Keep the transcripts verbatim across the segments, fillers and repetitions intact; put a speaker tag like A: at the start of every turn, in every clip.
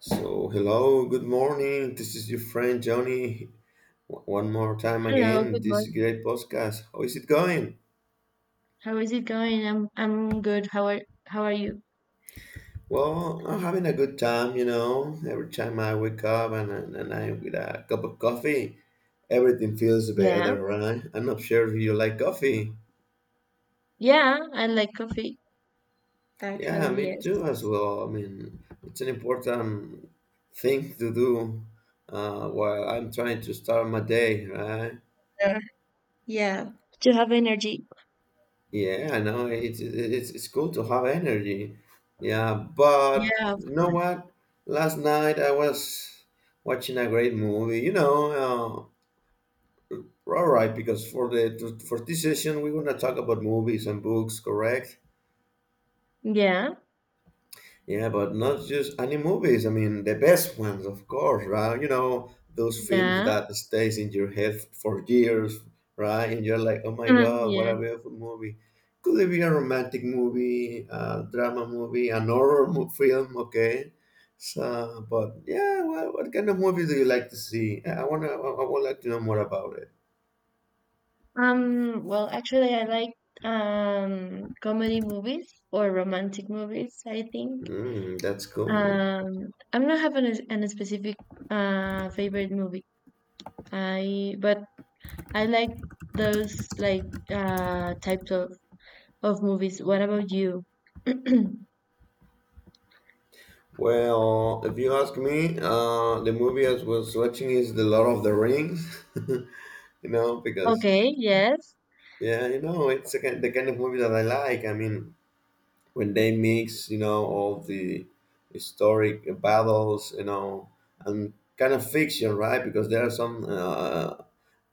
A: So, hello, good morning. This is your friend Johnny. W- One more time
B: Hello,
A: again.
B: good
A: This is
B: morning.
A: great podcast. How is it going?
B: How is it going? I'm I'm good. How are how are you?
A: Well, I'm having a good time, you know. Every time I wake up and, and, and I with a cup of coffee, everything feels
B: Yeah.
A: better, right? I'm not sure if you like coffee.
B: Yeah, I like coffee. Actually,
A: Yeah, me
B: yes.
A: too as well. I mean, it's an important thing to do uh, while I'm trying to start my day, right?
B: Uh, yeah. To have energy.
A: Yeah, I know it's it's it's cool to have energy. Yeah, but
B: Yeah, of
A: you know
B: course.
A: what? Last night I was watching a great movie. You know, uh, all right, because for the for this session we're gonna talk about movies and books, correct?
B: Yeah.
A: Yeah, but not just any movies. I mean, the best ones, of course, right? You know, those films
B: Yeah.
A: that stays in your head for years, right? And you're like, oh my God, what
B: Yeah.
A: a beautiful movie. Could it be a romantic movie, a drama movie, an horror mo- film? Okay. So, but yeah, what, what kind of movie do you like to see? I I wanna, I, I would like to know more about it.
B: Um, well, actually I like um comedy movies or romantic movies, I think.
A: Mm, that's cool.
B: Um, I'm not having a, an a specific uh favorite movie. I but I like those like uh types of of movies. What about you?
A: Well, if you ask me, uh, the movie I was watching is The Lord of the Rings. you know, because
B: Okay, yes.
A: Yeah, you know, it's a kind, the kind of movie that I like. I mean, when they mix, you know, all the historic battles, you know, and kind of fiction, right? Because there are some uh,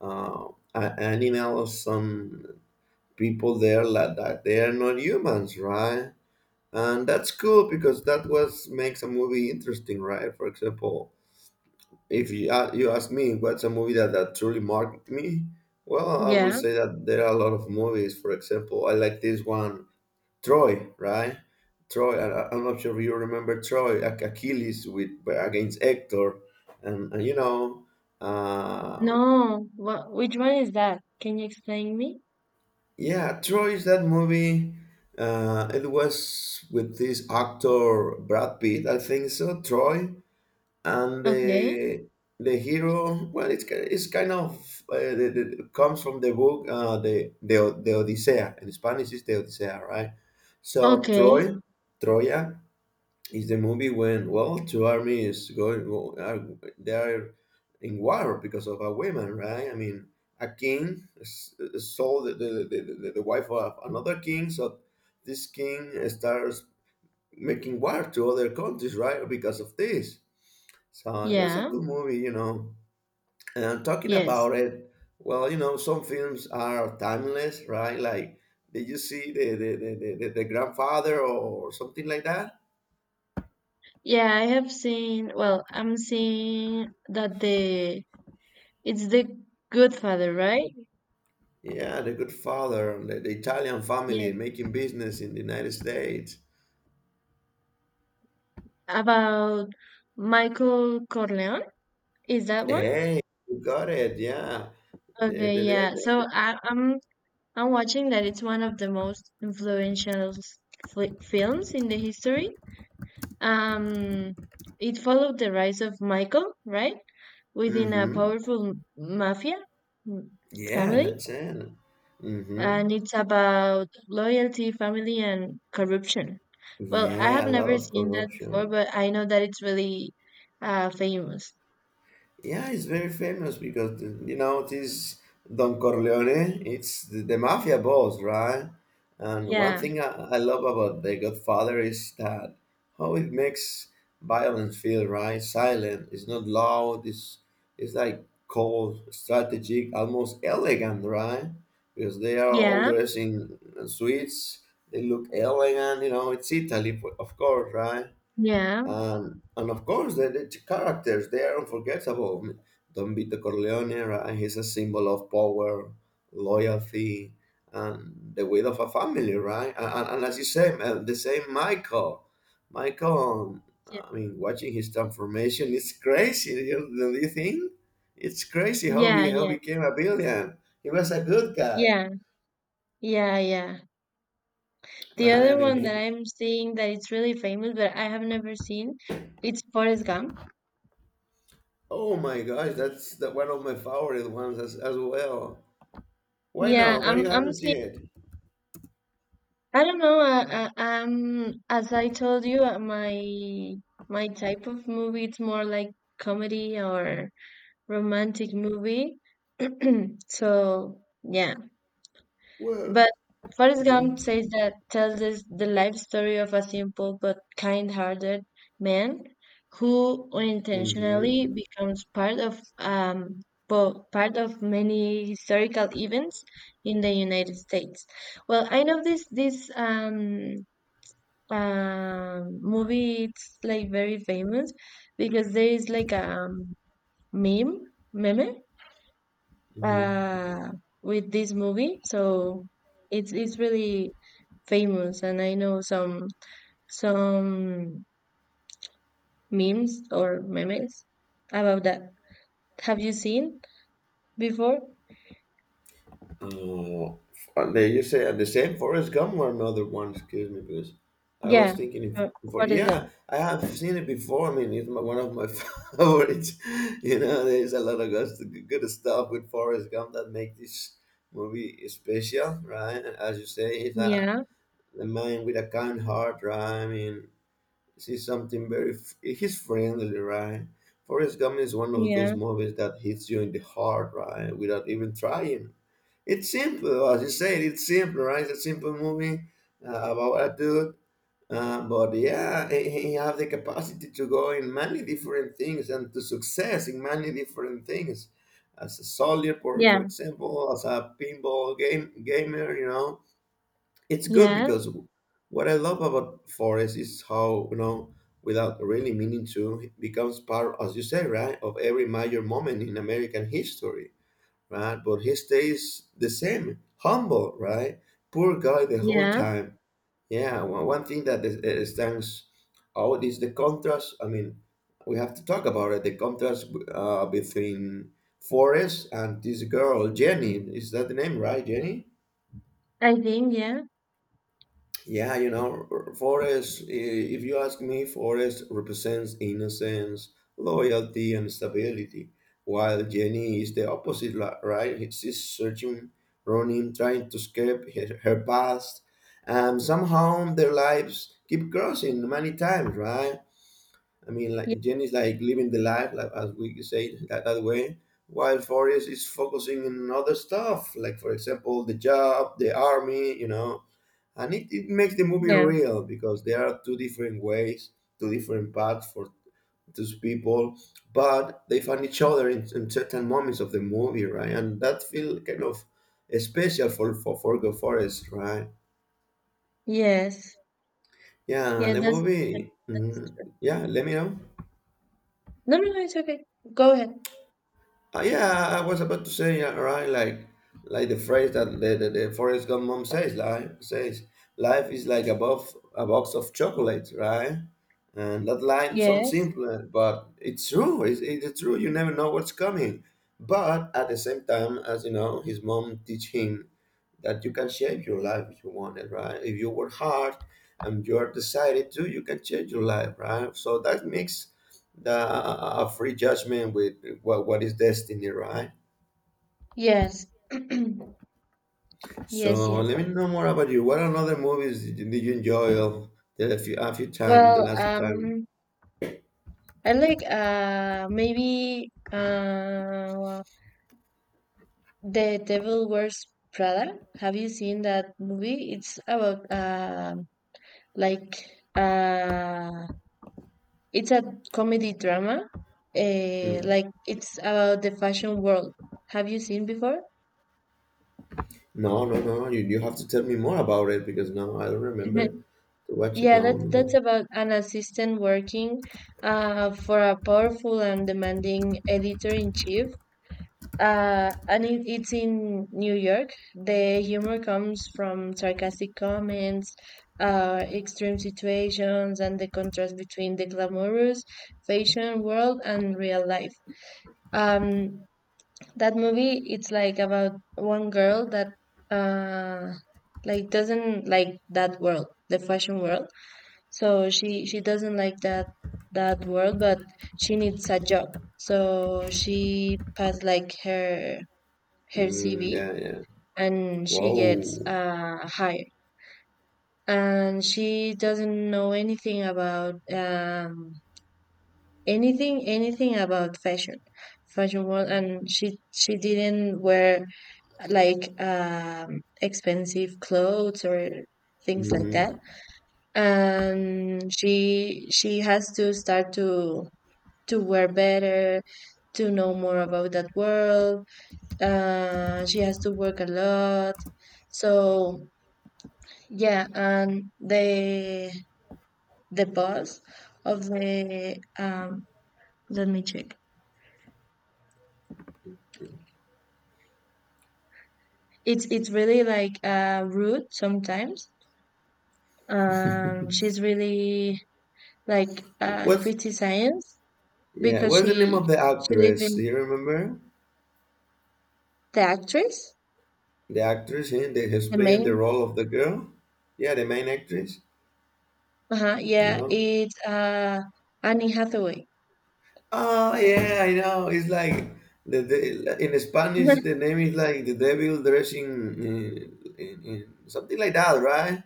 A: uh, a- animals, some people there like that they are not humans, right? And that's cool because that was makes a movie interesting, right? For example, if you, uh, you ask me what's a movie that, that truly marked me, well, I will
B: Yeah.
A: say that there are a lot of movies. For example, I like this one, Troy, right? Troy, I, I- I'm not sure if you remember Troy, Ach- Achilles with uh, against Hector. And, and you know, uh,
B: No, what which one is that? Can you explain me?
A: yeah, Troy is that movie. Uh, it was with this actor Brad Pitt, I think so, Troy. And
B: Okay.
A: the the hero, well, it's ki- it's kind of, uh, the, the, comes from the book, uh, the the O- the Odisea. In Spanish is the Odisea, right? So
B: Okay.
A: Troy. Troya is the movie when, well, two armies going go- are they are in war because of a woman, right? I mean, a king s- sold the the, the, the the wife of another king, so this king starts making war to other countries, right? Because of this. So it was a
B: Yeah.
A: cool movie, you know. And talking
B: Yes.
A: about it, well, you know, some films are timeless, right? Like, did you see the the, the, the, the the grandfather or something like that?
B: Yeah, I have seen, well, I'm seeing that the it's the Good Father, right?
A: Yeah, the good father, the, the Italian family
B: Yeah.
A: making business in the United States.
B: About Michael Corleone. Is that one?
A: Hey, you got it, yeah. The,
B: Okay,
A: the,
B: yeah. So
A: the,
B: I, I'm I'm watching that it's one of the most influential fli films in the history. Um, it followed the rise of Michael, right,
A: the,
B: within a
A: mm-hmm.
B: powerful mafia mm,
A: Yeah,
B: family,
A: that's it. Mm-hmm.
B: and it's about loyalty, family, and corruption. Well, I have
A: Yeah, a lot
B: never
A: of
B: seen that before,
A: corruption.
B: but I know that it's really uh, famous.
A: Yeah, it's very famous because the, you know this Don Corleone. It's the, the mafia boss, right? And one
B: Yeah,
A: thing I, I love about The Godfather is that how it makes violence feel right, silent. It's not loud. It's it's like cold, strategic, almost elegant, right? Because they are all
B: yeah,
A: dressed in suits. They look elegant. You know, it's Italy, of course, right?
B: yeah,
A: And and of course, the, the characters they are unforgettable. I mean, Don Vito Corleone, right? He's a symbol of power, loyalty, and the weight of a family, right? And, and, and as you say, uh, the same Michael. Michael,
B: yeah,
A: I mean, watching his transformation it's crazy. You know, don't you think? It's crazy how
B: yeah,
A: he how
B: yeah,
A: he became a billion. He was a good guy,
B: yeah, yeah, yeah. The
A: right? I
B: other
A: mean,
B: one that
A: he,
B: I'm seeing that it's really famous, but I have never seen, it's Forrest Gump.
A: oh my gosh, that's the, one of my favorite ones as, as well. Why
B: Yeah,
A: not? Why you
B: I'm I'm
A: haven't seen
B: seeing.
A: it?
B: I don't know. Uh, uh, um, as I told you, uh, my my type of movie it's more like comedy or romantic movie. So yeah,
A: Well,
B: but Forrest
A: mm-hmm,
B: Gump says that tells us the life story of a simple but kind-hearted man who
A: mm-hmm,
B: unintentionally becomes part of um po- part of many historical events in the United States. Well, I know this this um um, movie it's like very famous because there is like a um, meme meme
A: mm-hmm.
B: uh, with this movie, so it's it's really famous, and I know some some memes or memes about that. Have you seen before?
A: Uh, they You say uh, the same Forrest Gump or another one? Excuse me, because I was
B: Yeah.
A: thinking
B: uh,
A: if for
B: Forrest
A: yeah,
B: Gump.
A: I have seen it before. I mean, it's my, one of my favorites. You know, there's a lot of good, good stuff with Forrest Gump that make this movie special, right? As you say, it's a
B: Yeah.
A: the man with a kind heart, right? I mean, see something very. f- He's friendly, right? Forrest Gump is one of those
B: Yeah.
A: movies that hits you in the heart, right? Without even trying. It's simple, as you said. It's simple, right? It's a simple movie uh, about a dude. Uh, but yeah, he, he have the capacity to go in many different things and to success in many different things. As a soldier, for, for
B: Yeah.
A: example, as a pinball game gamer, you know, it's good
B: Yeah.
A: because what I love about forest is how, you know without really meaning to, it becomes part, as you say, right, of every major moment in American history, right? But he stays the same, humble, right? Poor guy the whole
B: Yeah.
A: time. Yeah, one one thing that is, is stands out is the contrast. I mean, we have to talk about it, the contrast, uh, between Forrest and this girl Jenny. Is that the name, right? Jenny.
B: I think Yeah.
A: Yeah, you know, Forest, i- if you ask me, Forest represents innocence, loyalty, and stability, while Jenny is the opposite, li- right? He- She's searching, running, trying to escape her, her past, and somehow their lives keep crossing many times, right? I mean,
B: Yeah.
A: like Jen is like living the life, like as we say that, that, way, while Forrest is focusing on other stuff, like for example, the job, the army, you know. And it, it makes the movie
B: Yeah.
A: real because there are two different ways, two different paths for those people, but they find each other in, in certain moments of the movie, right? And that feel kind of special for for Forgo Forest, right?
B: Yes.
A: Yeah,
B: Yeah,
A: the
B: that's
A: movie. Mhm. Yeah, let me know.
B: No, no, no, it's okay. Go ahead.
A: Uh, yeah, I was about to say uh, right, like like the phrase that the the, the Forrest Gump mom says, life says life is like a box a box of chocolates, right? And that line sounds
B: Yes,
A: simple, but it's true. It's, it's true. You never know what's coming. But at the same time, as you know, his mom teach him that you can shape your life if you want it, right? If you work hard and you're decided to, you can change your life, right? So that makes the a free judgment with what, what is destiny, right?
B: yes, yes,
A: So
B: yes.
A: let me know more about you. What another movies did you did you enjoy of the a few, a few time the
B: Well,
A: last time?
B: um, I like uh maybe uh The Devil Wears Prada. Have you seen that movie? It's about um like uh it's a comedy drama. Uh,
A: Hmm.
B: like it's about the fashion world. Have you seen before?
A: No, no, no. no. You, you have to tell me more about it because no, I don't remember to watch it.
B: Yeah,
A: No, no,
B: that that's
A: no.
B: about an assistant working uh, for a powerful and demanding editor in chief. Uh, and it, it's in New York. The humor comes from sarcastic comments, uh, extreme situations, and the contrast between the glamorous fashion world and real life. Um, that movie, it's like about one girl that uh, like doesn't like that world, the fashion world, so she she doesn't like that that world, but she needs a job. So she passed like her her
A: Mm,
B: C V
A: yeah, yeah.
B: and she gets
A: Wow.
B: uh, hired. And she doesn't know anything about um, anything anything about fashion, fashion world. And she she didn't wear like um, expensive clothes or things like
A: Hmm.
B: that, and she she has to start to to wear better, to know more about that world. Uh, she has to work a lot. So yeah, and the the boss of the um, let me check. It's it's really like uh, rude sometimes. Um, she's really like uh,
A: What's
B: criticized
A: Yeah,
B: because
A: what's the name
B: she
A: of the
B: she lives
A: actress?
B: in
A: Do you remember
B: the actress,
A: the actress eh, that has
B: the
A: playing the
B: main.
A: role of the girl? Yeah, the main actress.
B: Uh-huh,
A: You
B: yeah,
A: know?
B: it's uh, Annie Hathaway.
A: Oh yeah, I know. It's like, the, the in Spanish the name is like the devil dressing in, in, in something like that, right?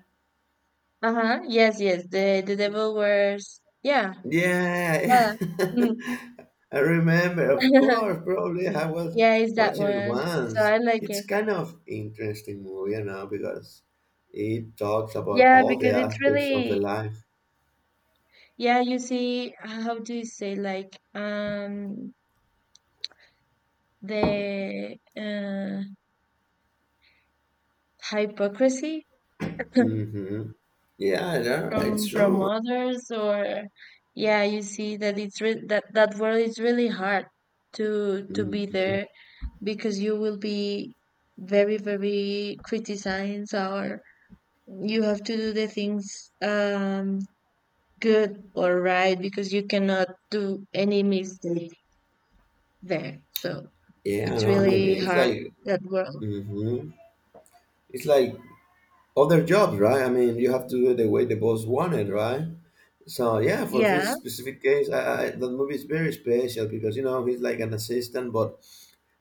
B: Uh-huh. Yes, yes. The the devil wears yeah.
A: Yeah,
B: Uh, mm.
A: I remember. Of course, probably I was
B: Yeah, it's that
A: watching it
B: one. So
A: once.
B: I like
A: It's
B: it.
A: kind of interesting movie, you know, because it talks about
B: Yeah,
A: all the
B: because it's
A: aspects of the
B: really
A: life.
B: yeah, you see how do you say like um the uh hypocrisy.
A: Mm-hmm. Yeah, yeah, it's
B: from from
A: true.
B: others. Or yeah, you see that it's re that that world is really hard to to be
A: Mm-hmm.
B: there, because you will be very, very criticized. Or you have to do the things um, good or right, because you cannot do any mistake there. So
A: Yeah,
B: it's
A: no, I mean,
B: really
A: it's
B: hard
A: like,
B: that world.
A: mm-hmm. It's like other jobs, right? I mean, you have to do it the way the boss wanted, right? So yeah, for
B: Yeah,
A: this specific case, I, I, that movie is very special because you know he's like an assistant, but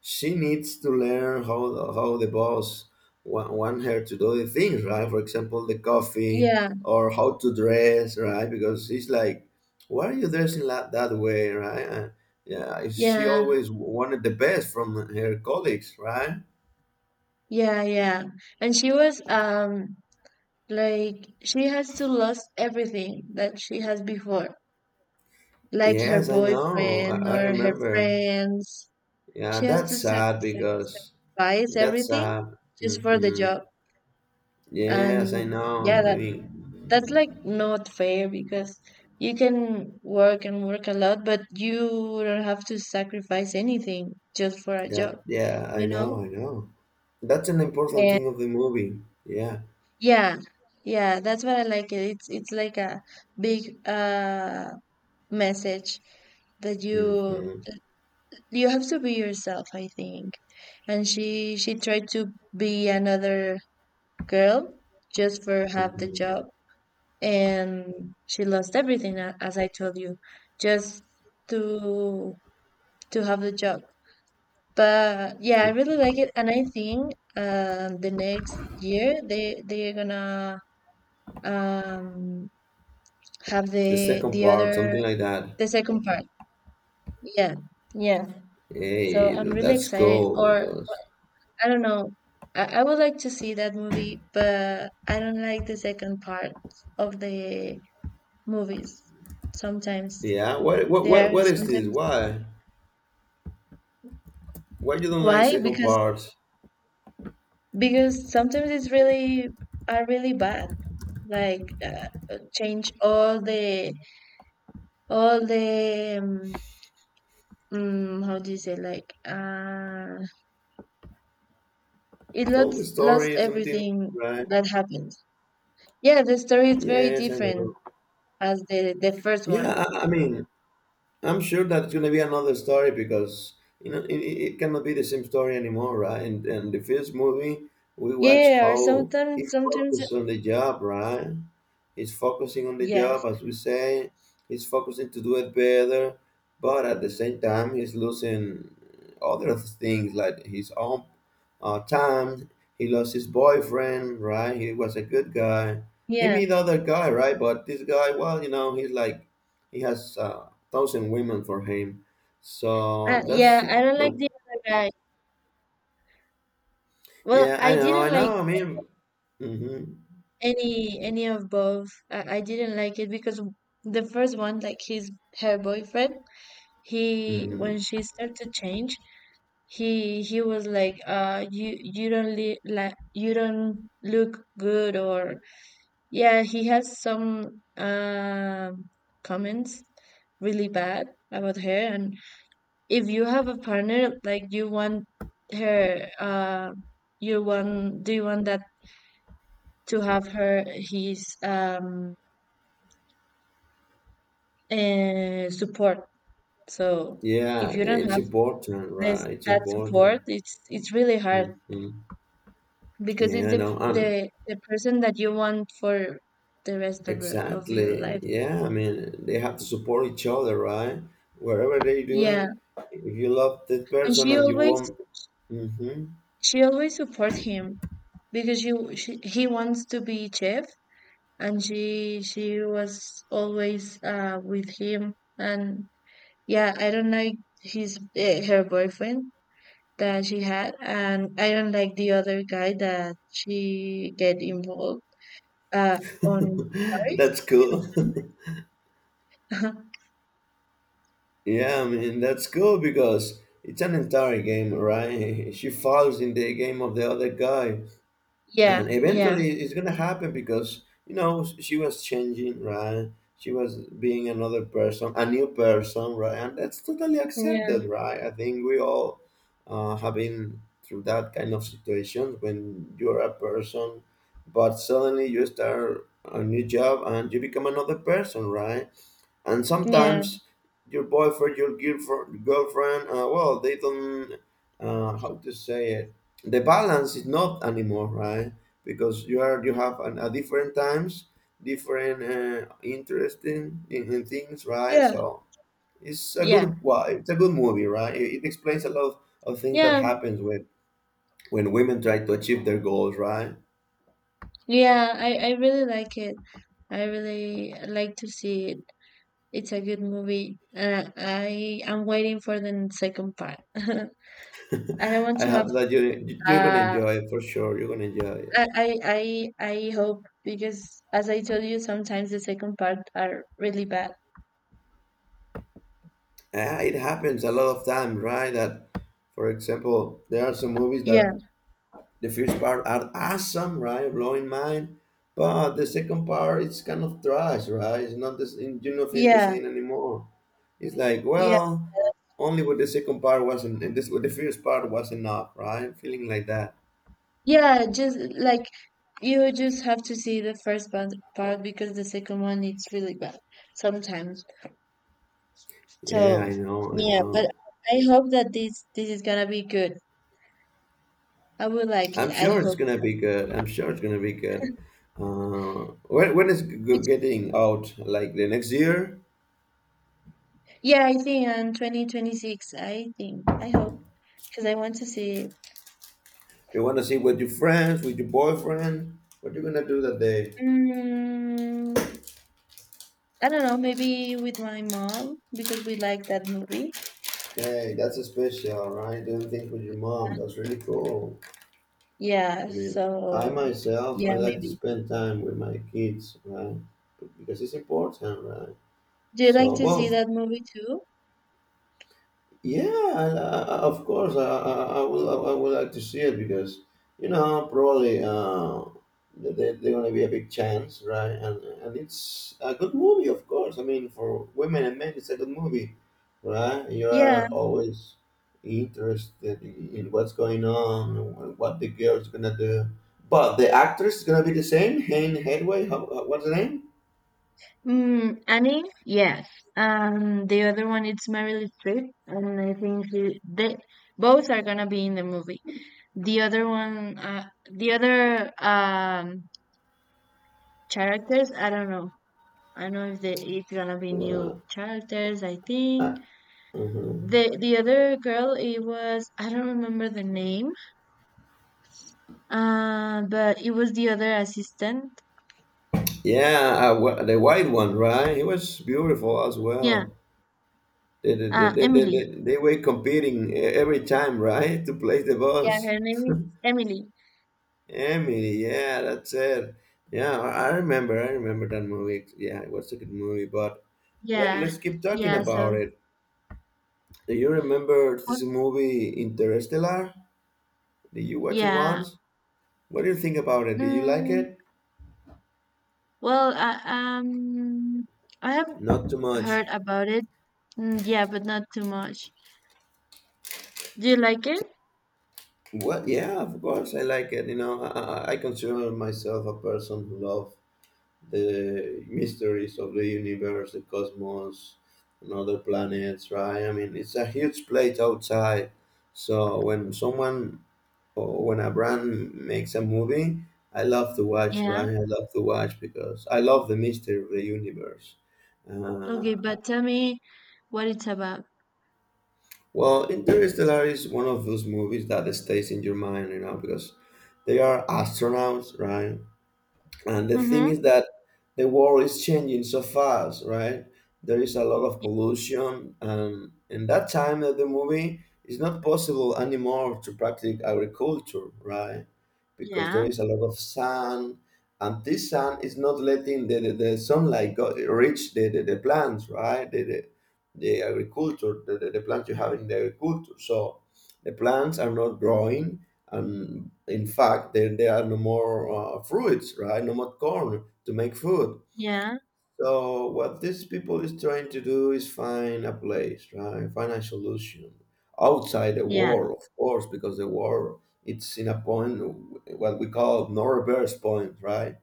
A: she needs to learn how how the boss want, want her to do the things, right? For example, the coffee,
B: yeah,
A: or how to dress, right? Because it's like, why are you dressing like that way, right? And, yeah, she
B: yeah,
A: always wanted the best from her colleagues, right?
B: yeah, yeah. And she was um like she has to lose everything that she has before, like her
A: Yes, I know, i,
B: boyfriend
A: I
B: or her
A: remember.
B: friends.
A: Yeah,
B: She has to
A: that's
B: sac-
A: sad because
B: sacrifice
A: that's
B: everything
A: sad.
B: just for the
A: Hmm.
B: job.
A: Yes, I
B: And
A: know.
B: yeah,
A: I
B: that
A: mean,
B: that's like not fair, because you can work and work a lot, but you don't have to sacrifice anything just for a job,
A: That Yeah, I
B: you know?
A: know, I know. That's an important
B: And
A: thing of the movie. Yeah.
B: yeah, yeah, that's what I like. It. It's it's like a big uh message that you
A: Mm-hmm,
B: you have to be yourself, I think. And she she tried to be another girl just for have the
A: mm-hmm.
B: job, and she lost everything, a- as I told you, just to to have the job. But yeah, I really like it, and I think um the next year they they're gonna um have
A: The
B: the
A: second
B: the
A: part,
B: other
A: something like that.
B: the second part. Yeah. Yeah. So
A: Hey,
B: I'm
A: th-
B: really
A: that's
B: excited,
A: cool
B: or
A: because
B: I don't know, I, I would like to see that movie, but I don't like the second part of the movies sometimes.
A: yeah. What what
B: They are
A: what what is this?
B: sometimes.
A: Why? Why you don't like
B: Why?
A: second
B: Because
A: part?
B: because sometimes it's really are really bad. Like uh, uh, change all the all the um, mm, how do you say like uh it
A: All the
B: lost lost
A: story, something
B: everything
A: right?
B: that happened. Yeah, the story is very
A: Yes, I know.
B: different as the the first one.
A: Yeah, I, I mean, I'm sure that it's going to be another story because you know it, it it cannot be the same story anymore, right? And and the first movie we watch
B: Yeah, or
A: how
B: sometimes
A: he
B: sometimes
A: focused on the job, right? He's focusing on the
B: yeah
A: job, as we say. He's focusing to do it better, but at the same time, he's losing other things like his own uh, time. He lost his boyfriend, right? He was a good guy. He
B: yeah
A: met other guy, right? But this guy, well, you know, he's like he has uh, thousand women for him.
B: uh,
A: So that's
B: yeah, I don't like
A: the,
B: the other guy. Well,
A: yeah, I
B: I
A: know, I
B: didn't like
A: know. I mean, hmm
B: Any any of both. I, I didn't like it because the first one, like his her boyfriend, he
A: hmm
B: when she started to change, he he was like, uh, you you don't li like you don't look good. Or yeah, he has some um comments really bad about her. And if you have a partner, like you want her uh you want, do you want that to have her his um and support. So
A: yeah.
B: if you don't
A: It's
B: have
A: important,
B: this
A: right? It's
B: that
A: important.
B: support, it's it's really hard,
A: hmm
B: because it's
A: Yeah. I
B: the
A: know. And
B: the the person that you want for the rest of the of your
A: exactly.
B: life.
A: Yeah. I mean, they have to support each other, right? Wherever they're
B: Yeah,
A: doing, if you love that
B: and
A: person
B: she
A: and you
B: always
A: want, hmm
B: she always supports him, because she, she he wants to be chef, and she she was always uh with him. And yeah, I don't know, his uh, her boyfriend, that she had, and I don't like the other guy that she get involved uh on Paris.
A: that's cool. Yeah, I mean that's cool because it's an entire game, right? She falls in the game of the other guy,
B: Yeah,
A: and
B: yeah,
A: eventually it's gonna happen because you know she was changing, right? She was being another person, a new person, right? And that's totally accepted,
B: yeah,
A: right? I think we all uh, have been through that kind of situation when you're a person, but suddenly you start a new job and you become another person, right? And
B: yeah,
A: sometimes your boyfriend, your girlfriend, girlfriend, uh, well, they don't, uh, how to say it, the balance is not anymore, right? Because you are you have an, a different times, different uh, interesting in, in in things, right?
B: yeah,
A: So it's a
B: yeah,
A: good wa- it's a good movie, right? It, it explains a lot of things that
B: yeah,
A: happens when when women try to achieve their goals, right?
B: yeah. I, I really like it. I really like to see it. It's a good movie. Uh, I am waiting for the second part. I don't want
A: I
B: to have.
A: hope that you you're gonna
B: Uh,
A: enjoy it for sure. You're gonna enjoy it.
B: I, I, I, I hope, because, as I told you, sometimes the second part are really bad.
A: Yeah, it happens a lot of time, right? That, for example, there are some movies
B: Yeah,
A: that the first part are awesome, right, blowing mind, but the second part it's kind of trash, right? It's not this, you don't feel the
B: yeah.
A: same anymore. It's like,
B: Yeah,
A: well, only with the second part wasn't, and this with the first part was enough, right? Feeling like that.
B: yeah, just like you just have to see the first part, part because the second one it's really bad sometimes.
A: Yeah,
B: So,
A: I know, I
B: yeah, but
A: know.
B: I hope that this this is gonna be good. I would like it.
A: I'm
B: I
A: sure it's
B: hope.
A: gonna be good. I'm sure it's gonna be good. Uh, when when is g- g-
B: Which,
A: getting out? Like the next year?
B: yeah, I think on twenty twenty-six, I think. I hope because I want to see it.
A: You want to see with your friends, with your boyfriend. What you gonna do that day?
B: Mm, I don't know, maybe with my mom because we like that movie.
A: Hey, that's a special, right? Doing things with your mom. That's really cool.
B: Yeah,
A: I mean, I
B: so
A: myself, I
B: yeah,
A: like to
B: maybe.
A: spend time with my kids, right? Because it's important, right?
B: Do you like
A: So,
B: to see
A: well,
B: that movie too?
A: yeah, and, uh, uh, of course, I, I, I will. I would like to see it because you know probably uh, there there- there gonna be a big chance, right? And and it's a good movie, of course. I mean, for women and men, it's a good movie, right? You are
B: Yeah.
A: always interested in, in what's going on, wh- what the girl's gonna do. But the actress is gonna be the same. Hane Hathaway. How, how- what's the name?
B: Mm, Annie, yes. Um, the other one it's Meryl Streep, and I think she, they both are gonna be in the movie. The other one, uh, the other um characters, I don't know. I don't know if they, it's gonna be
A: Uh,
B: new characters. I
A: uh,
B: think
A: mhm.
B: the the other girl, it was I don't remember the name, uh, but it was the other assistant.
A: Yeah, uh, wh- the white one, right? He was beautiful as
B: Yeah,
A: well. They, they, they,
B: uh,
A: they, they,
B: Emily.
A: they they were competing e- every time, right, to place the
B: Yeah,
A: boss.
B: her name is Emily.
A: Emily, yeah, that's it. Yeah, I I remember, I remember that movie. Yeah, it was a good movie, but let,
B: Yeah,
A: let's keep talking
B: yeah. So.
A: about it. Do you remember
B: Oh.
A: this movie Interstellar? Did you watch it
B: Yeah.
A: once? What do you think about it? Did you like
B: Mm,
A: it?
B: well, I, um, I have
A: Not too
B: heard
A: much.
B: about it. Mm, yeah, but not too much. Do you like it?
A: What? Yeah, of course I like it. You know, I, I I consider myself a person who love the mysteries of the universe, the cosmos, and other planets, right? I mean, it's a huge plate outside. So when someone or when a brand makes a movie, I love to watch,
B: Yeah.
A: right? I love to watch because I love the mystery of the universe.
B: Okay,
A: Uh,
B: but tell me what it's about.
A: well, Interstellar is one of those movies that stays in your mind, you know, because they are astronauts, right? And the thing
B: Mm-hmm.
A: is that the world is changing so fast, right? There is a lot of pollution, and in that time of the movie, it's not possible anymore to practice agriculture, right? Because there
B: Yeah.
A: is a lot of sun, and this sun is not letting the, the, the sunlight go, reach the, the, the plants, right? The, the, the agriculture, the, the, the plants you have in the agriculture. So the plants are not growing, and in fact there, there are no more uh, fruits, right? No more corn to make food.
B: Yeah.
A: So what these people is trying to do is find a place, right? Find a solution outside the
B: Yeah.
A: war, of course, because the war it's in a point what we call no reverse point, right?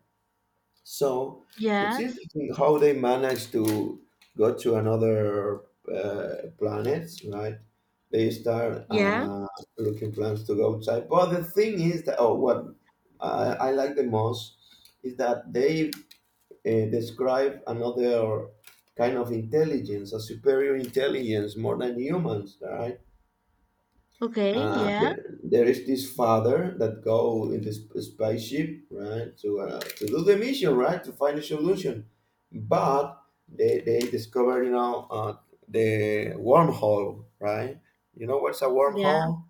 A: So
B: Yeah.
A: it's interesting how they managed to go to another uh, planets, right? They start
B: Yeah.
A: uh, looking plans to go outside. But the thing is that, oh, what I, I like the most is that they uh, describe another kind of intelligence, a superior intelligence, more than humans, right?
B: Okay.
A: Uh,
B: Yeah.
A: there, there is this father that go in this spaceship, right, to uh, to do the mission, right, to find a solution. But they they discover, you know, uh, the wormhole, right? You know what's a
B: Yeah.
A: wormhole?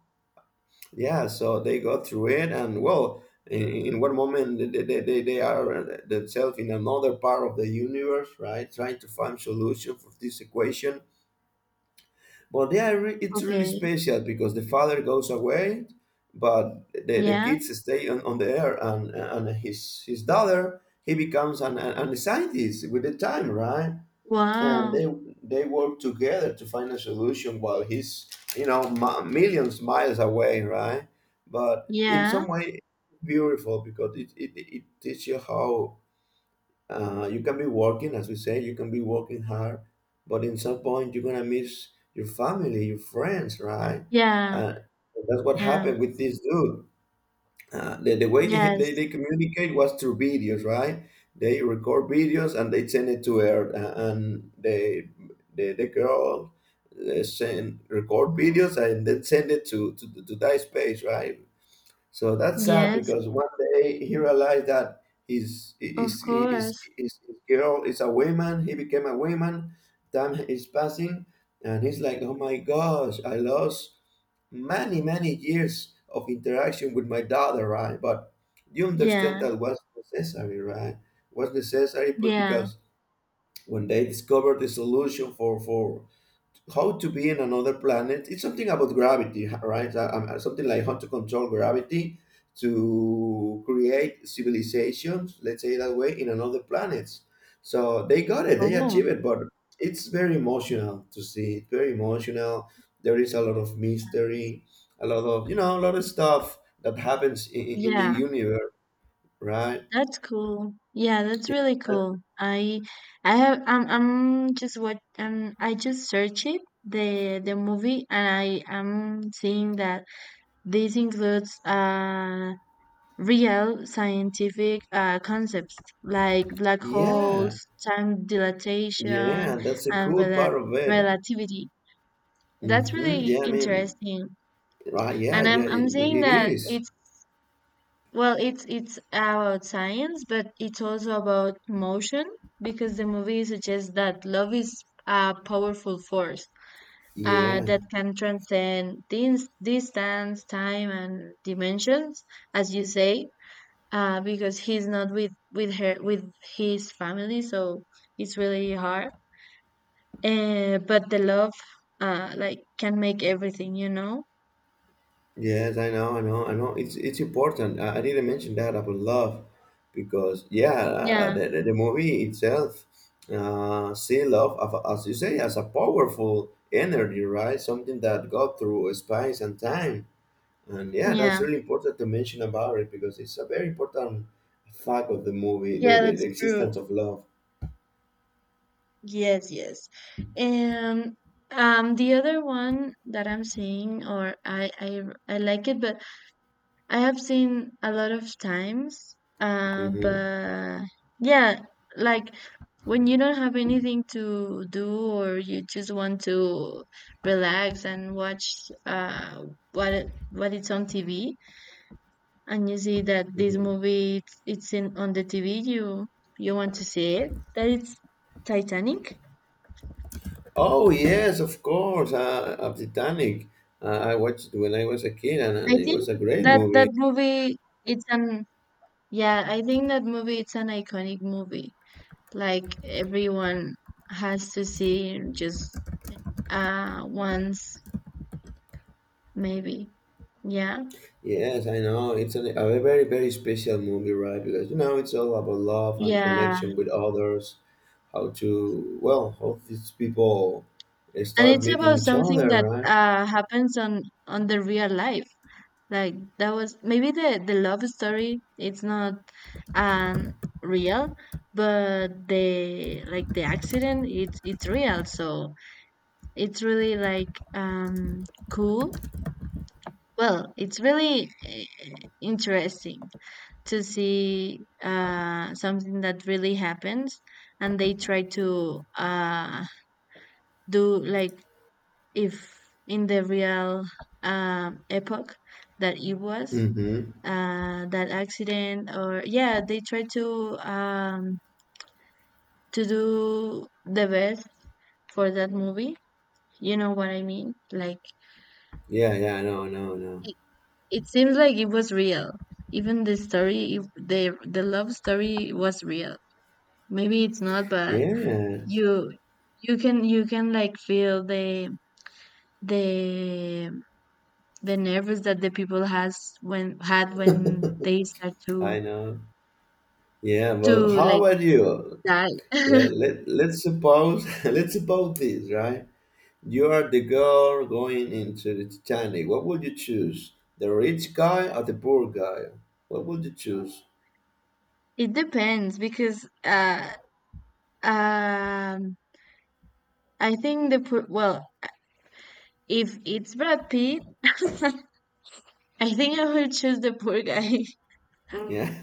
A: Yeah, so they go through it, and well, in, in one moment they, they, they they are themselves in another part of the universe, right? Trying to find solution for this equation, but yeah, re- it's really
B: Okay.
A: special because the father goes away, but the, the
B: Yeah.
A: kids stay on, on the air, and and his his daughter he becomes an, an, a scientist with the time, right? And
B: Wow.
A: they they work together to find a solution while he's, you know, mi- millions miles away, right? But in
B: Yeah.
A: some way, beautiful because it it, it teaches you how uh, you can be working, as we say, you can be working hard, but in some point you're gonna miss your family, your friends, right?
B: Yeah.
A: uh, that's what
B: Yeah.
A: happened with this dude. uh, the, the way he-
B: Yes.
A: they, they communicate was through videos, right? They record videos and they send it to her, uh, and they the, the girl uh, send record videos and then send it to to, to that space, right? So that's sad
B: Yes.
A: because one day he realized that his
B: Of
A: his his,
B: course.
A: his, his girl is a woman. He became a woman. Time is passing, and he's like, "Oh my gosh, I lost many many years of interaction with my daughter, right?" But you understand
B: Yeah.
A: that was necessary, right? Was necessary, but
B: Yeah.
A: because when they discovered the solution for for how to be in another planet. It's something about gravity, right? Uh, um, uh, something like how to control gravity to create civilizations, let's say that way, in another planets. So they got it, they
B: Oh.
A: achieved it, but it's very emotional to see. It's very emotional. There is a lot of mystery, a lot of, you know, a lot of stuff that happens in, in the
B: Yeah.
A: universe, right?
B: That's cool. Yeah, that's really
A: That's,
B: cool. I I have I'm I'm just what um I just searched it, the the movie, and I am seeing that this includes uh real scientific uh concepts like black
A: yeah,
B: holes, time dilation
A: yeah, that's a
B: and
A: cool
B: rela
A: part of it.
B: relativity. That's
A: hmm
B: really
A: Yeah, I mean,
B: interesting.
A: right, yeah,
B: And I'm
A: yeah, it,
B: I'm saying
A: it
B: that
A: is.
B: it's Well, it's it's about science, but it's also about emotion, because the movie suggests that love is a powerful force uh,
A: Yeah,
B: that can transcend dins- distance, time, and dimensions, as you say. Uh, because he's not with with her with his family, so it's really hard. Uh, but the love, uh, like, can make everything, you know.
A: yes, I know, I know, I know. It's it's important. I, I didn't mention that about love, because yeah, uh, uh,
B: Yeah,
A: the, the the movie itself, uh, see love of- as you say as a powerful energy, right? Something that got through space and time, and yeah, that's
B: yeah,
A: really important to mention about it because it's a very important fact of the movie, the,
B: yeah.
A: the,
B: That's
A: the
B: true.
A: existence of love.
B: Yes, yes. And um the other one that I'm seeing or I I I like it, but I have seen a lot of times uh
A: Mm-hmm.
B: but yeah, like when you don't have anything to do, or you just want to relax and watch uh what it- what it's on T V, and you see that this
A: Mm-hmm.
B: movie it's, it's in on the T V, you you want to see it, that it's Titanic.
A: Oh yes, of course, uh, of Titanic. Uh, I watched it when I was a kid, and, and
B: I
A: it
B: think
A: was a great
B: that that
A: movie.
B: movie it's an yeah, I think that movie it's an iconic movie. Like everyone has to see just uh once maybe. Yeah.
A: Yes, I know it's an, a very very special movie, right? Because you know it's all about love and
B: Yeah.
A: connection with others. How to, well, how these people uh,
B: And
A: start
B: it's
A: meeting
B: about
A: each
B: something
A: other,
B: that
A: right?
B: uh happens on on the real life. Like that was maybe the the love story it's not um real, but the like the accident it's it's real. So it's really like um, cool. Well, it's really eh, interesting to see uh, something that really happens, and they try to uh, do like if in the real um, epoch that it was
A: Mm-hmm.
B: uh, that accident, or yeah, they try to um, to do the best for that movie. You know what I mean? Like
A: Yeah, yeah, I know, I know, I know.
B: it seems like it was real. Even the story, if the the love story was real. Maybe it's not, but
A: Yes,
B: you you can you can like feel the the the nervous that the people has when had when they start to
A: I know. Yeah,
B: to
A: but how
B: like
A: about you?
B: die.
A: Let, let, let's suppose let's suppose this, right? You are the girl going into the Titanic. What would you choose? The rich guy or the poor guy? What would you choose?
B: It depends because uh um I think the poor well if it's Brad Pitt I think I will choose the poor guy.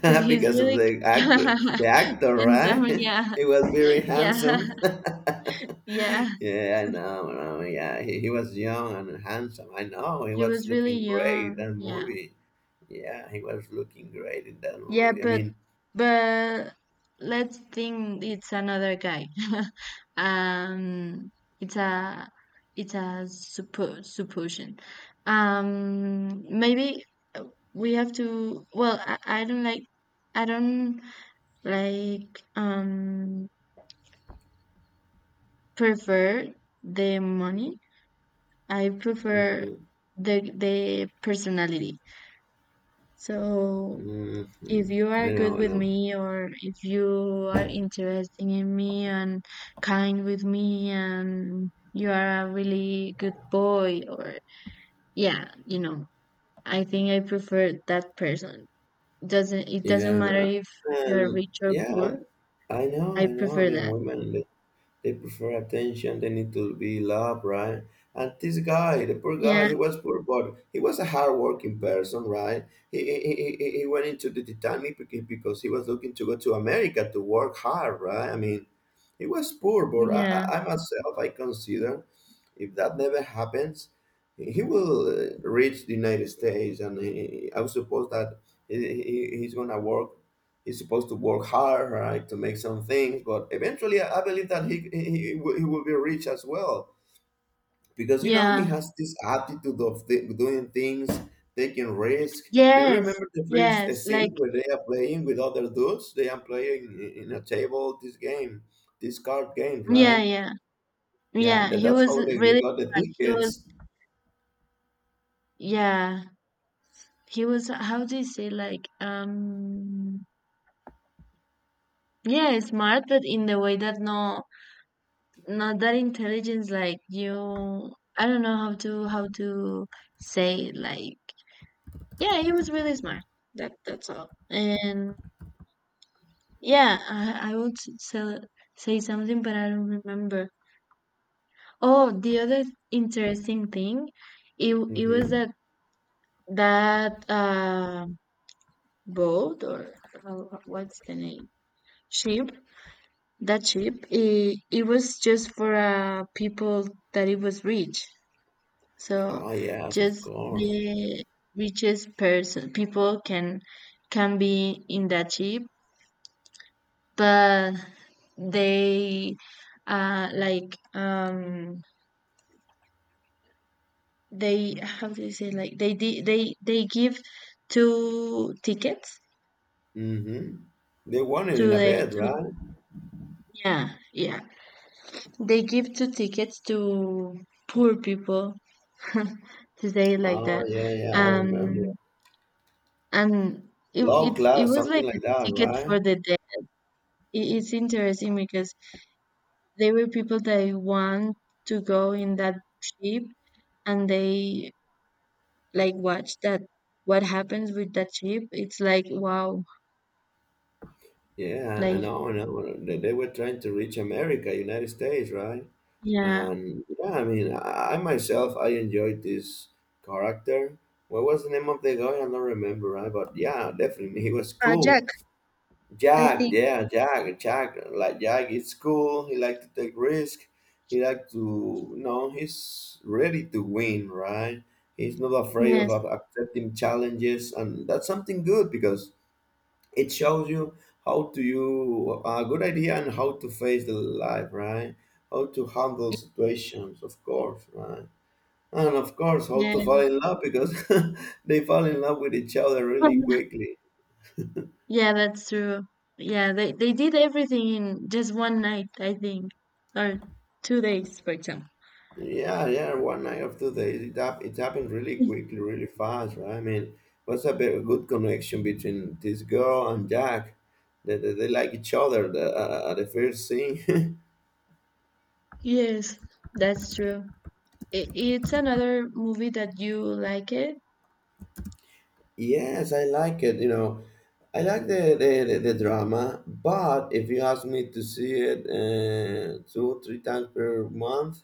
B: Because he's
A: because of
B: really
A: the actor. The actor,
B: handsome.
A: right?
B: Yeah,
A: he was very
B: yeah,
A: handsome.
B: yeah.
A: yeah, I know. I know. Yeah, he, he was young and handsome. I know. He
B: He
A: was
B: was really
A: looking great
B: young.
A: that
B: Yeah,
A: movie. Yeah, he was looking great in that
B: yeah.
A: movie. I
B: But
A: mean,
B: but let's think it's another guy. um, it's a it's a suppo supposition. Um, maybe uh, we have to. Well, I, I don't like. I don't like. Um, prefer the money. I prefer
A: mhm,
B: the the personality. So
A: mhm.
B: if you are
A: I know,
B: good
A: I
B: with
A: know.
B: me or if you are interesting in me and kind with me and you are a really good boy or yeah, you know, I think I prefer that person. Doesn't it doesn't matter
A: Yeah.
B: if you're
A: And
B: rich or
A: yeah,
B: poor.
A: I know,
B: I
A: I know. I
B: prefer
A: mean,
B: that.
A: women they, they prefer attention. They need to be loved, right? And this guy, the poor
B: Yeah,
A: guy, he was poor, but he was a hardworking person, right? He he, he, he he went into the Titanic beca- because he was looking to go to America to work hard, right? I mean, he was poor, but I,
B: yeah,
A: I I myself I consider if that never happens, he will uh, reach the United States, and he, I would suppose that he, he, he's gonna work. He's supposed to work hard, right, to make some things. But eventually, I I believe that he he, he will he will be rich as well because you know he
B: yeah.
A: has this attitude of th- doing things, taking risk. Do you
B: Yes,
A: remember the first uh,
B: yes,
A: scene
B: like
A: where they are playing with other dudes? They are playing in in a table this game, this card game,
B: yeah,
A: right?
B: yeah.
A: Yeah,
B: Yeah,
A: that,
B: he
A: that's
B: was
A: how they
B: really
A: got the
B: smart. He was,
A: tickets.
B: yeah, he was, how do you say, like, um, yeah, smart, but in the way that no, not that intelligence, like you, I don't know how to, how to say, like, yeah, he was really smart. That, that's all. And yeah, I, I would say, say something, but I don't remember. Oh, the other interesting thing, it, it was
A: Mm-hmm.
B: that, that, um, boat or how, what's the name ship that ship it, it was just for uh, people that it was rich so
A: Oh, yes, of
B: just
A: course.
B: the richest person people can can be in that ship but they uh like um they how do you say like they di- they they give two tickets
A: Mm-hmm. They won it
B: to
A: in a
B: the
A: bed,
B: to
A: right?
B: yeah yeah. They give two tickets to poor people to say it like
A: Oh,
B: that.
A: yeah, yeah, I remember.
B: Um, and it
A: Low
B: it's it
A: class,
B: was
A: something
B: like a
A: like that,
B: ticket
A: right?
B: for the dead. It, it's interesting because they were people that want to go in that ship and they like watch that what happens with that ship. It's like wow,
A: Yeah, I
B: like
A: know, I know. They, they were trying to reach America, United States, right?
B: yeah,
A: And yeah, I mean, I, I myself, I enjoyed this character. What was the name of the guy? I don't remember, right? But yeah, definitely, he was
B: uh,
A: cool.
B: Jack, I
A: Jack,
B: think.
A: yeah, Jack, Jack, like Jack, it's cool. He like to take risk. He like to, you know, he's ready to win, right? He's not afraid of
B: Yes,
A: of accepting challenges, and that's something good because it shows you how to you a good idea and how to face the life, right? How to handle situations, of course, right? And of course, how to fall
B: yeah.
A: in love because they fall in love with each other really quickly.
B: Yeah, that's true. Yeah, they they did everything in just one night, I think, or two days, for example.
A: Yeah, yeah, one night of two days. It, hap- it happened really
B: Y-
A: quickly, really fast, right? I mean, was a very good connection between this girl and Jack. They, they, they like each other the, uh, uh, at the first scene.
B: Yes, that's true. I it's another movie that you like it.
A: Yes, I like it, you know. I like the, the, the, the drama, but if you ask me to see it uh, two, three times per month,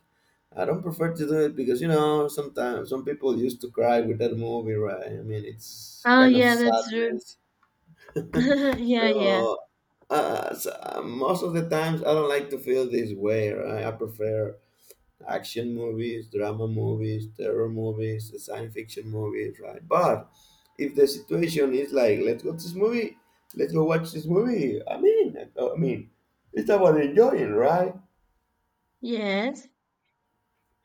A: I don't prefer to do it because, you know, sometimes some people used to cry with that movie, right? I mean, it's
B: Oh
A: kind of
B: yeah, that's true.
A: sadness.
B: Yeah, yeah.
A: so, uh, so uh, Most of the times I don't like to feel this way. Right? I prefer action movies, drama movies, terror movies, science fiction movies, right? But if the situation is like, let's go to this movie, let's go watch this movie. I mean, I mean, it's about enjoying, right?
B: Yes.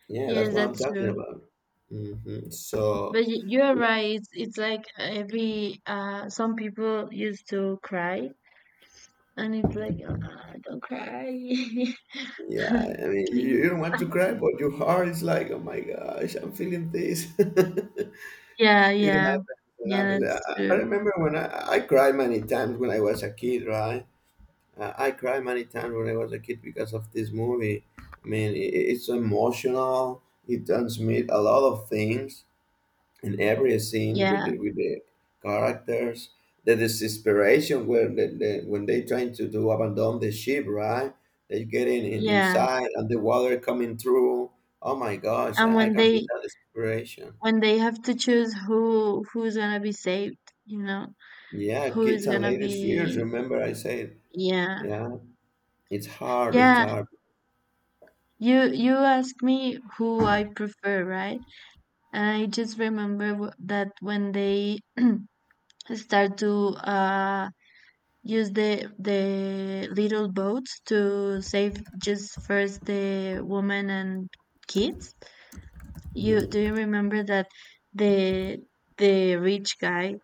A: Yeah, that's
B: Yes,
A: what I'm
B: that's
A: talking
B: true.
A: about. hmm
B: But
A: So.
B: y- you're right. It's it's like every uh some people used to cry and it's like, "Ah, don't cry.
A: Yeah, I mean, you,
B: Please."
A: you don't want to cry, but your heart is like, oh my gosh, I'm feeling this.
B: Yeah,
A: It
B: yeah.
A: happened. It
B: Yeah,
A: happens.
B: that's
A: I, I
B: true.
A: remember when I, I cried many times when I was a kid, right? Uh, I cried many times when I was a kid because of this movie. I mean, it, it's emotional. It transmits a lot of things in every scene with
B: Yeah,
A: the, with the characters. The desperation where the, the, when they trying to do abandon the ship, right? They get in, in
B: yeah.
A: inside and the water coming through. Oh my gosh,
B: And
A: I, I
B: when
A: can feel
B: they
A: that desperation.
B: when they have to choose who who's gonna be saved, you know,
A: Yeah,
B: who is
A: kids and
B: gonna
A: ladies' fears.
B: be
A: Remember, I said,
B: yeah.
A: yeah, it's hard, it's
B: Yeah,
A: hard.
B: you you ask me who I prefer, right? And I just remember w that when they start to uh use the the little boats to save just first the woman and kids. You
A: Mhm.
B: do you remember that the the rich guy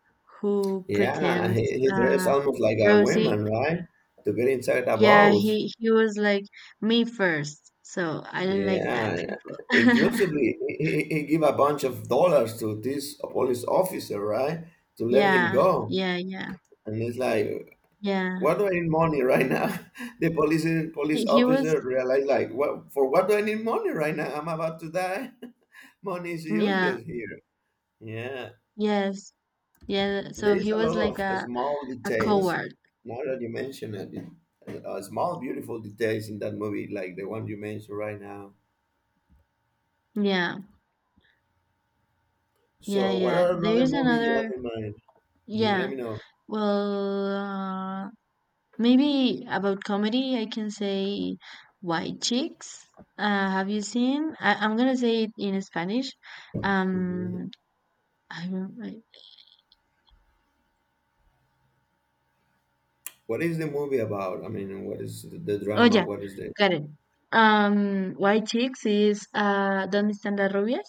B: who
A: Yeah,
B: pretends
A: he, he dressed
B: uh
A: almost like a
B: Rosie?
A: woman, right? To get inside a
B: Yeah,
A: boat.
B: he he was like me first. So I didn't like that
A: Yeah,
B: people.
A: inclusively, he, he he give a bunch of dollars to this police officer, right? To let him
B: Yeah,
A: go.
B: yeah, yeah,
A: And it's like,
B: yeah.
A: what do I need money right now? The police
B: He
A: police
B: he was
A: officer realized, like, what for what do I need money right now? I'm about to die. Money is
B: yeah,
A: useless here. Yeah,
B: yes, yeah. So
A: there is
B: he
A: a
B: was
A: lot
B: like
A: of
B: a
A: small
B: a
A: details.
B: coward.
A: Now that you mention it, uh, small beautiful details in that movie, like the one you mentioned right now.
B: Yeah, yeah,
A: So, what
B: yeah.
A: are
B: There
A: another
B: is
A: movie you
B: another.
A: have in mind? Mhm, let
B: Yeah.
A: me know.
B: Well, uh, maybe about comedy, I can say White Chicks. Uh, have you seen? I, I'm gonna say it in Spanish.
A: Mhm.
B: Um, I don't. I-
A: What is the movie about? I mean, what is the, the
B: oh
A: drama?
B: yeah,
A: What is the?
B: got it. Um, White Chicks is uh, ¿Dónde están las rubias?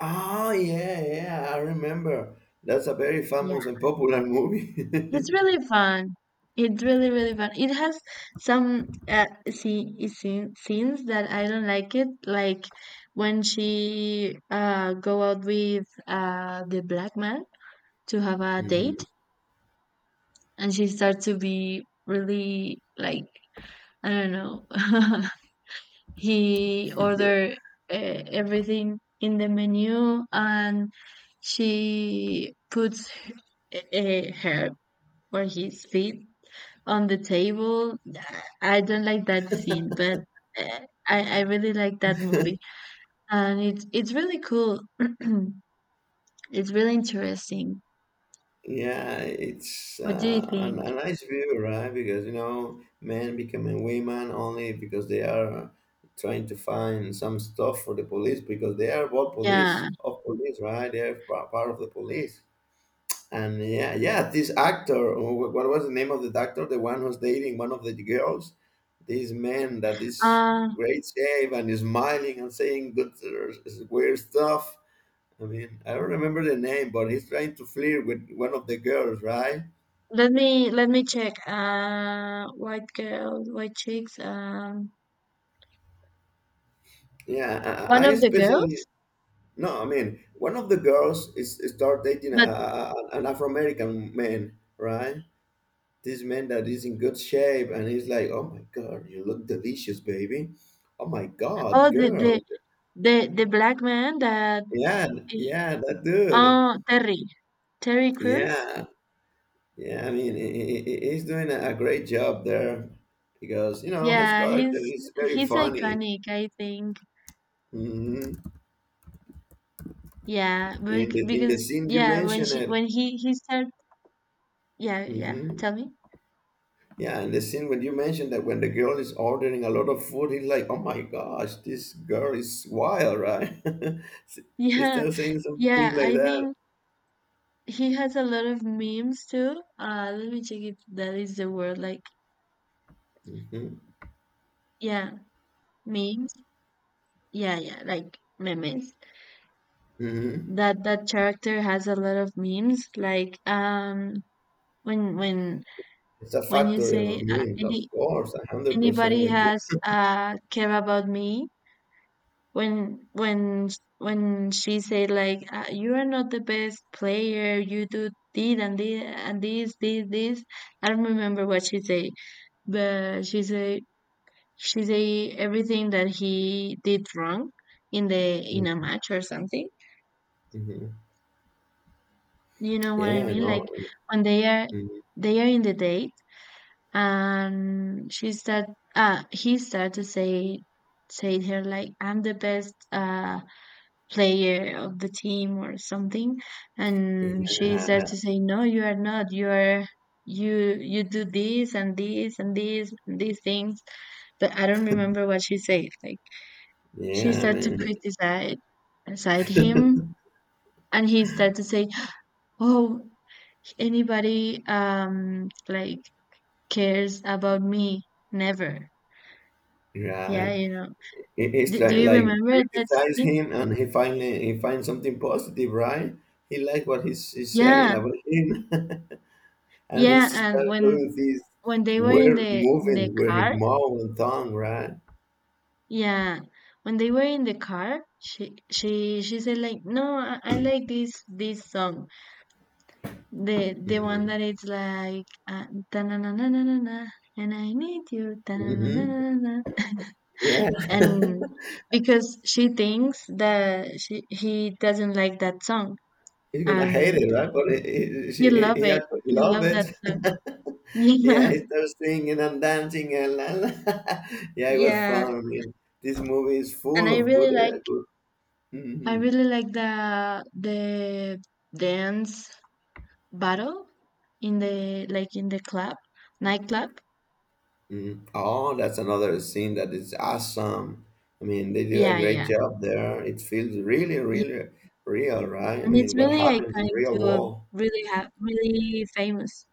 A: Ah, yeah, yeah, I remember. That's a very
B: Yeah,
A: famous and popular movie.
B: it's really fun. It's really really fun. It has some uh, see, scene, scenes that I don't like it, like when she uh go out with uh the black man to have a date
A: Mhm.
B: and she starts to be really like I don't know. He ordered uh, everything in the menu, and she puts uh, her or his feet on the table. I don't like that scene, but uh, I I really like that movie, and it's it's really cool. It's really interesting.
A: Yeah, it's
B: What do you
A: uh, an,
B: think?
A: a nice view, right? Because you know, men becoming women only because they are trying to find some stuff for the police because they are both police
B: Yeah.
A: of police, right? They are pa- part of the police. And yeah, yeah, this actor, wh- what was the name of the doctor? The one who's dating one of the girls. This man that is
B: Uh,
A: great shape and is smiling and saying good uh, weird stuff. I mean, I don't remember the name, but he's trying to flirt with one of the girls, right?
B: let me let me check. Uh, white girls, white chicks. Um,
A: Yeah, I,
B: one
A: I I
B: of the
A: especially
B: girls,
A: no. I mean, one of the girls is is start dating a,
B: but
A: a, a- an Afro American man, right? This man that is in good shape, and he's like, "Oh my God, you look delicious, baby! Oh my God,
B: oh, the
A: girl!"
B: the the, the black man that
A: Yeah,
B: he-
A: yeah, that dude.
B: oh Terry, Terry Crews.
A: Yeah, yeah. I mean, he, he- he's doing a a great job there because you know his
B: Yeah,
A: character
B: he's
A: is very
B: he's
A: funny.
B: iconic. I think.
A: Mhm.
B: Yeah,
A: In
B: bec-
A: the in
B: because
A: the scene you
B: yeah, when
A: mentioned
B: she
A: it.
B: when he he started. Yeah, yeah.
A: hmm
B: Tell me.
A: Yeah, in the scene when you mentioned that when the girl is ordering a lot of food, he's like, "Oh my gosh, this girl is wild, right?" He
B: Yeah,
A: starts saying something
B: yeah.
A: like
B: I
A: that.
B: think he has a lot of memes too. Uh, let me check if that is the word. Like,
A: Hmm
B: yeah, memes. Yeah, yeah, like memes.
A: hmm
B: That that character has a lot of memes. Like um, when when
A: It's a
B: when you
A: factory of
B: say uh,
A: memes, of
B: any
A: course, a hundred percent
B: anybody
A: with you.
B: has uh care about me. When when when she say like uh, you are not the best player. You do did and did and this this this. I don't remember what she say, but she say she say everything that he did wrong in the in a match or something.
A: Mm-hmm.
B: You know what I
A: Yeah,
B: mean?
A: no,
B: Like when they are
A: mm-hmm.
B: they are in the date and she start uh he start to say say her like I'm the best uh player of the team or something and she start to
A: Yeah,
B: say no you are not you are you you do this and this and this and these things but I don't remember what she said like she
A: yeah,
B: started to
A: man,
B: criticize aside him and he started to say oh anybody um like cares about me never yeah
A: right.
B: you know
A: It- It's
B: do, do
A: like
B: you
A: like
B: remember that
A: criticize
B: scene
A: him, and he finally he finds something positive, right? He likes what he's, he's saying
B: yeah
A: about him, and he
B: yeah and
A: starts
B: when
A: doing these
B: when they were in
A: weird
B: the in the
A: moving where his
B: car
A: mouth and tongue, right?
B: yeah when they were in the car she she she said like no i, I like this this song the the one
A: hmm
B: that it's like uh, na na na na na and I need you na na na
A: hmm
B: na na.
A: Yeah,
B: And because she thinks that she, he doesn't like that song
A: he's gonna hate
B: and
A: it, right? But he, he,
B: he
A: she- he,
B: loved
A: he
B: it
A: actually
B: he
A: love
B: loved that
A: it.
B: song
A: Yeah,
B: yeah
A: he starts singing and dancing and la, la. Yeah, it was
B: yeah
A: fun. I mean, this movie is
B: and
A: full
B: i
A: of
B: really
A: good, uh,
B: like
A: good.
B: I
A: Hmm
B: really like the the dance battle in the like in the club nightclub
A: Mhm. Oh, that's another scene that is awesome. I mean, they do a
B: yeah
A: great
B: yeah
A: job there. It feels really,
B: yeah
A: really real, right? I
B: and it's
A: mean, what
B: really
A: happens in
B: iconic
A: real
B: too
A: world?
B: really ha- really famous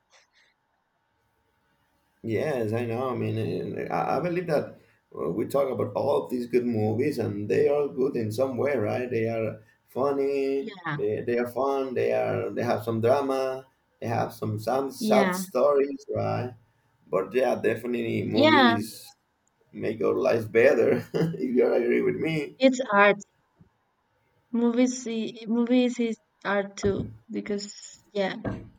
A: Yes, I know. I mean, and I I believe that uh, we talk about all of these good movies, and they are good in some way, right? They are funny.
B: yeah
A: They, they are fun. They are they have some drama. They have some some sad
B: yeah
A: stories, right? But yeah, definitely
B: yeah
A: movies make our lives better. If you agree with me.
B: it's art. Movies, I- movies is are too because yeah,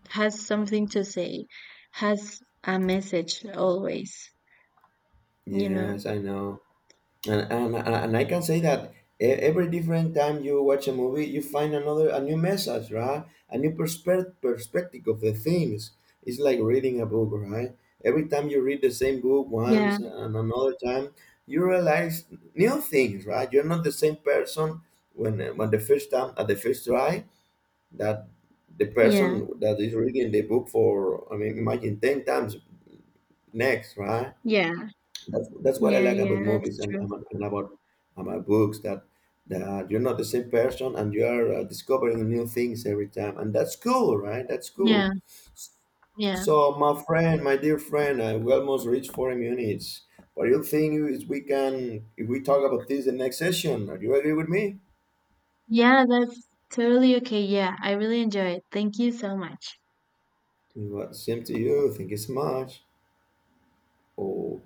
B: has something to say, has a message always. You know.
A: Yes, I know, and and and and I can say that e- every different time you watch a movie, you find another a new message, right? A new perspe- perspective of the things. It's like reading a book, right? Every time you read the same book
B: Yeah,
A: once and another time, you realize new things, right? You're not the same person when when the first time at the first try that the
B: yeah,
A: person that is reading the book for I mean imagine ten times next, right?
B: yeah,
A: That's, that's what I
B: yeah,
A: like about
B: yeah. That's
A: movies and,
B: true.
A: and, and about and my books that that you're not the same person and you are uh, discovering new things every time and that's cool, right? That's cool.
B: Yeah, yeah,
A: So my friend, my dear friend, I we almost reached forty minutes. What do you think is we can if we talk about this in the next session? Do you agree with me?
B: yeah. That's totally okay. Yeah, I really enjoy it. Thank you so much.
A: Well, same to you. Thank you so much. Oh.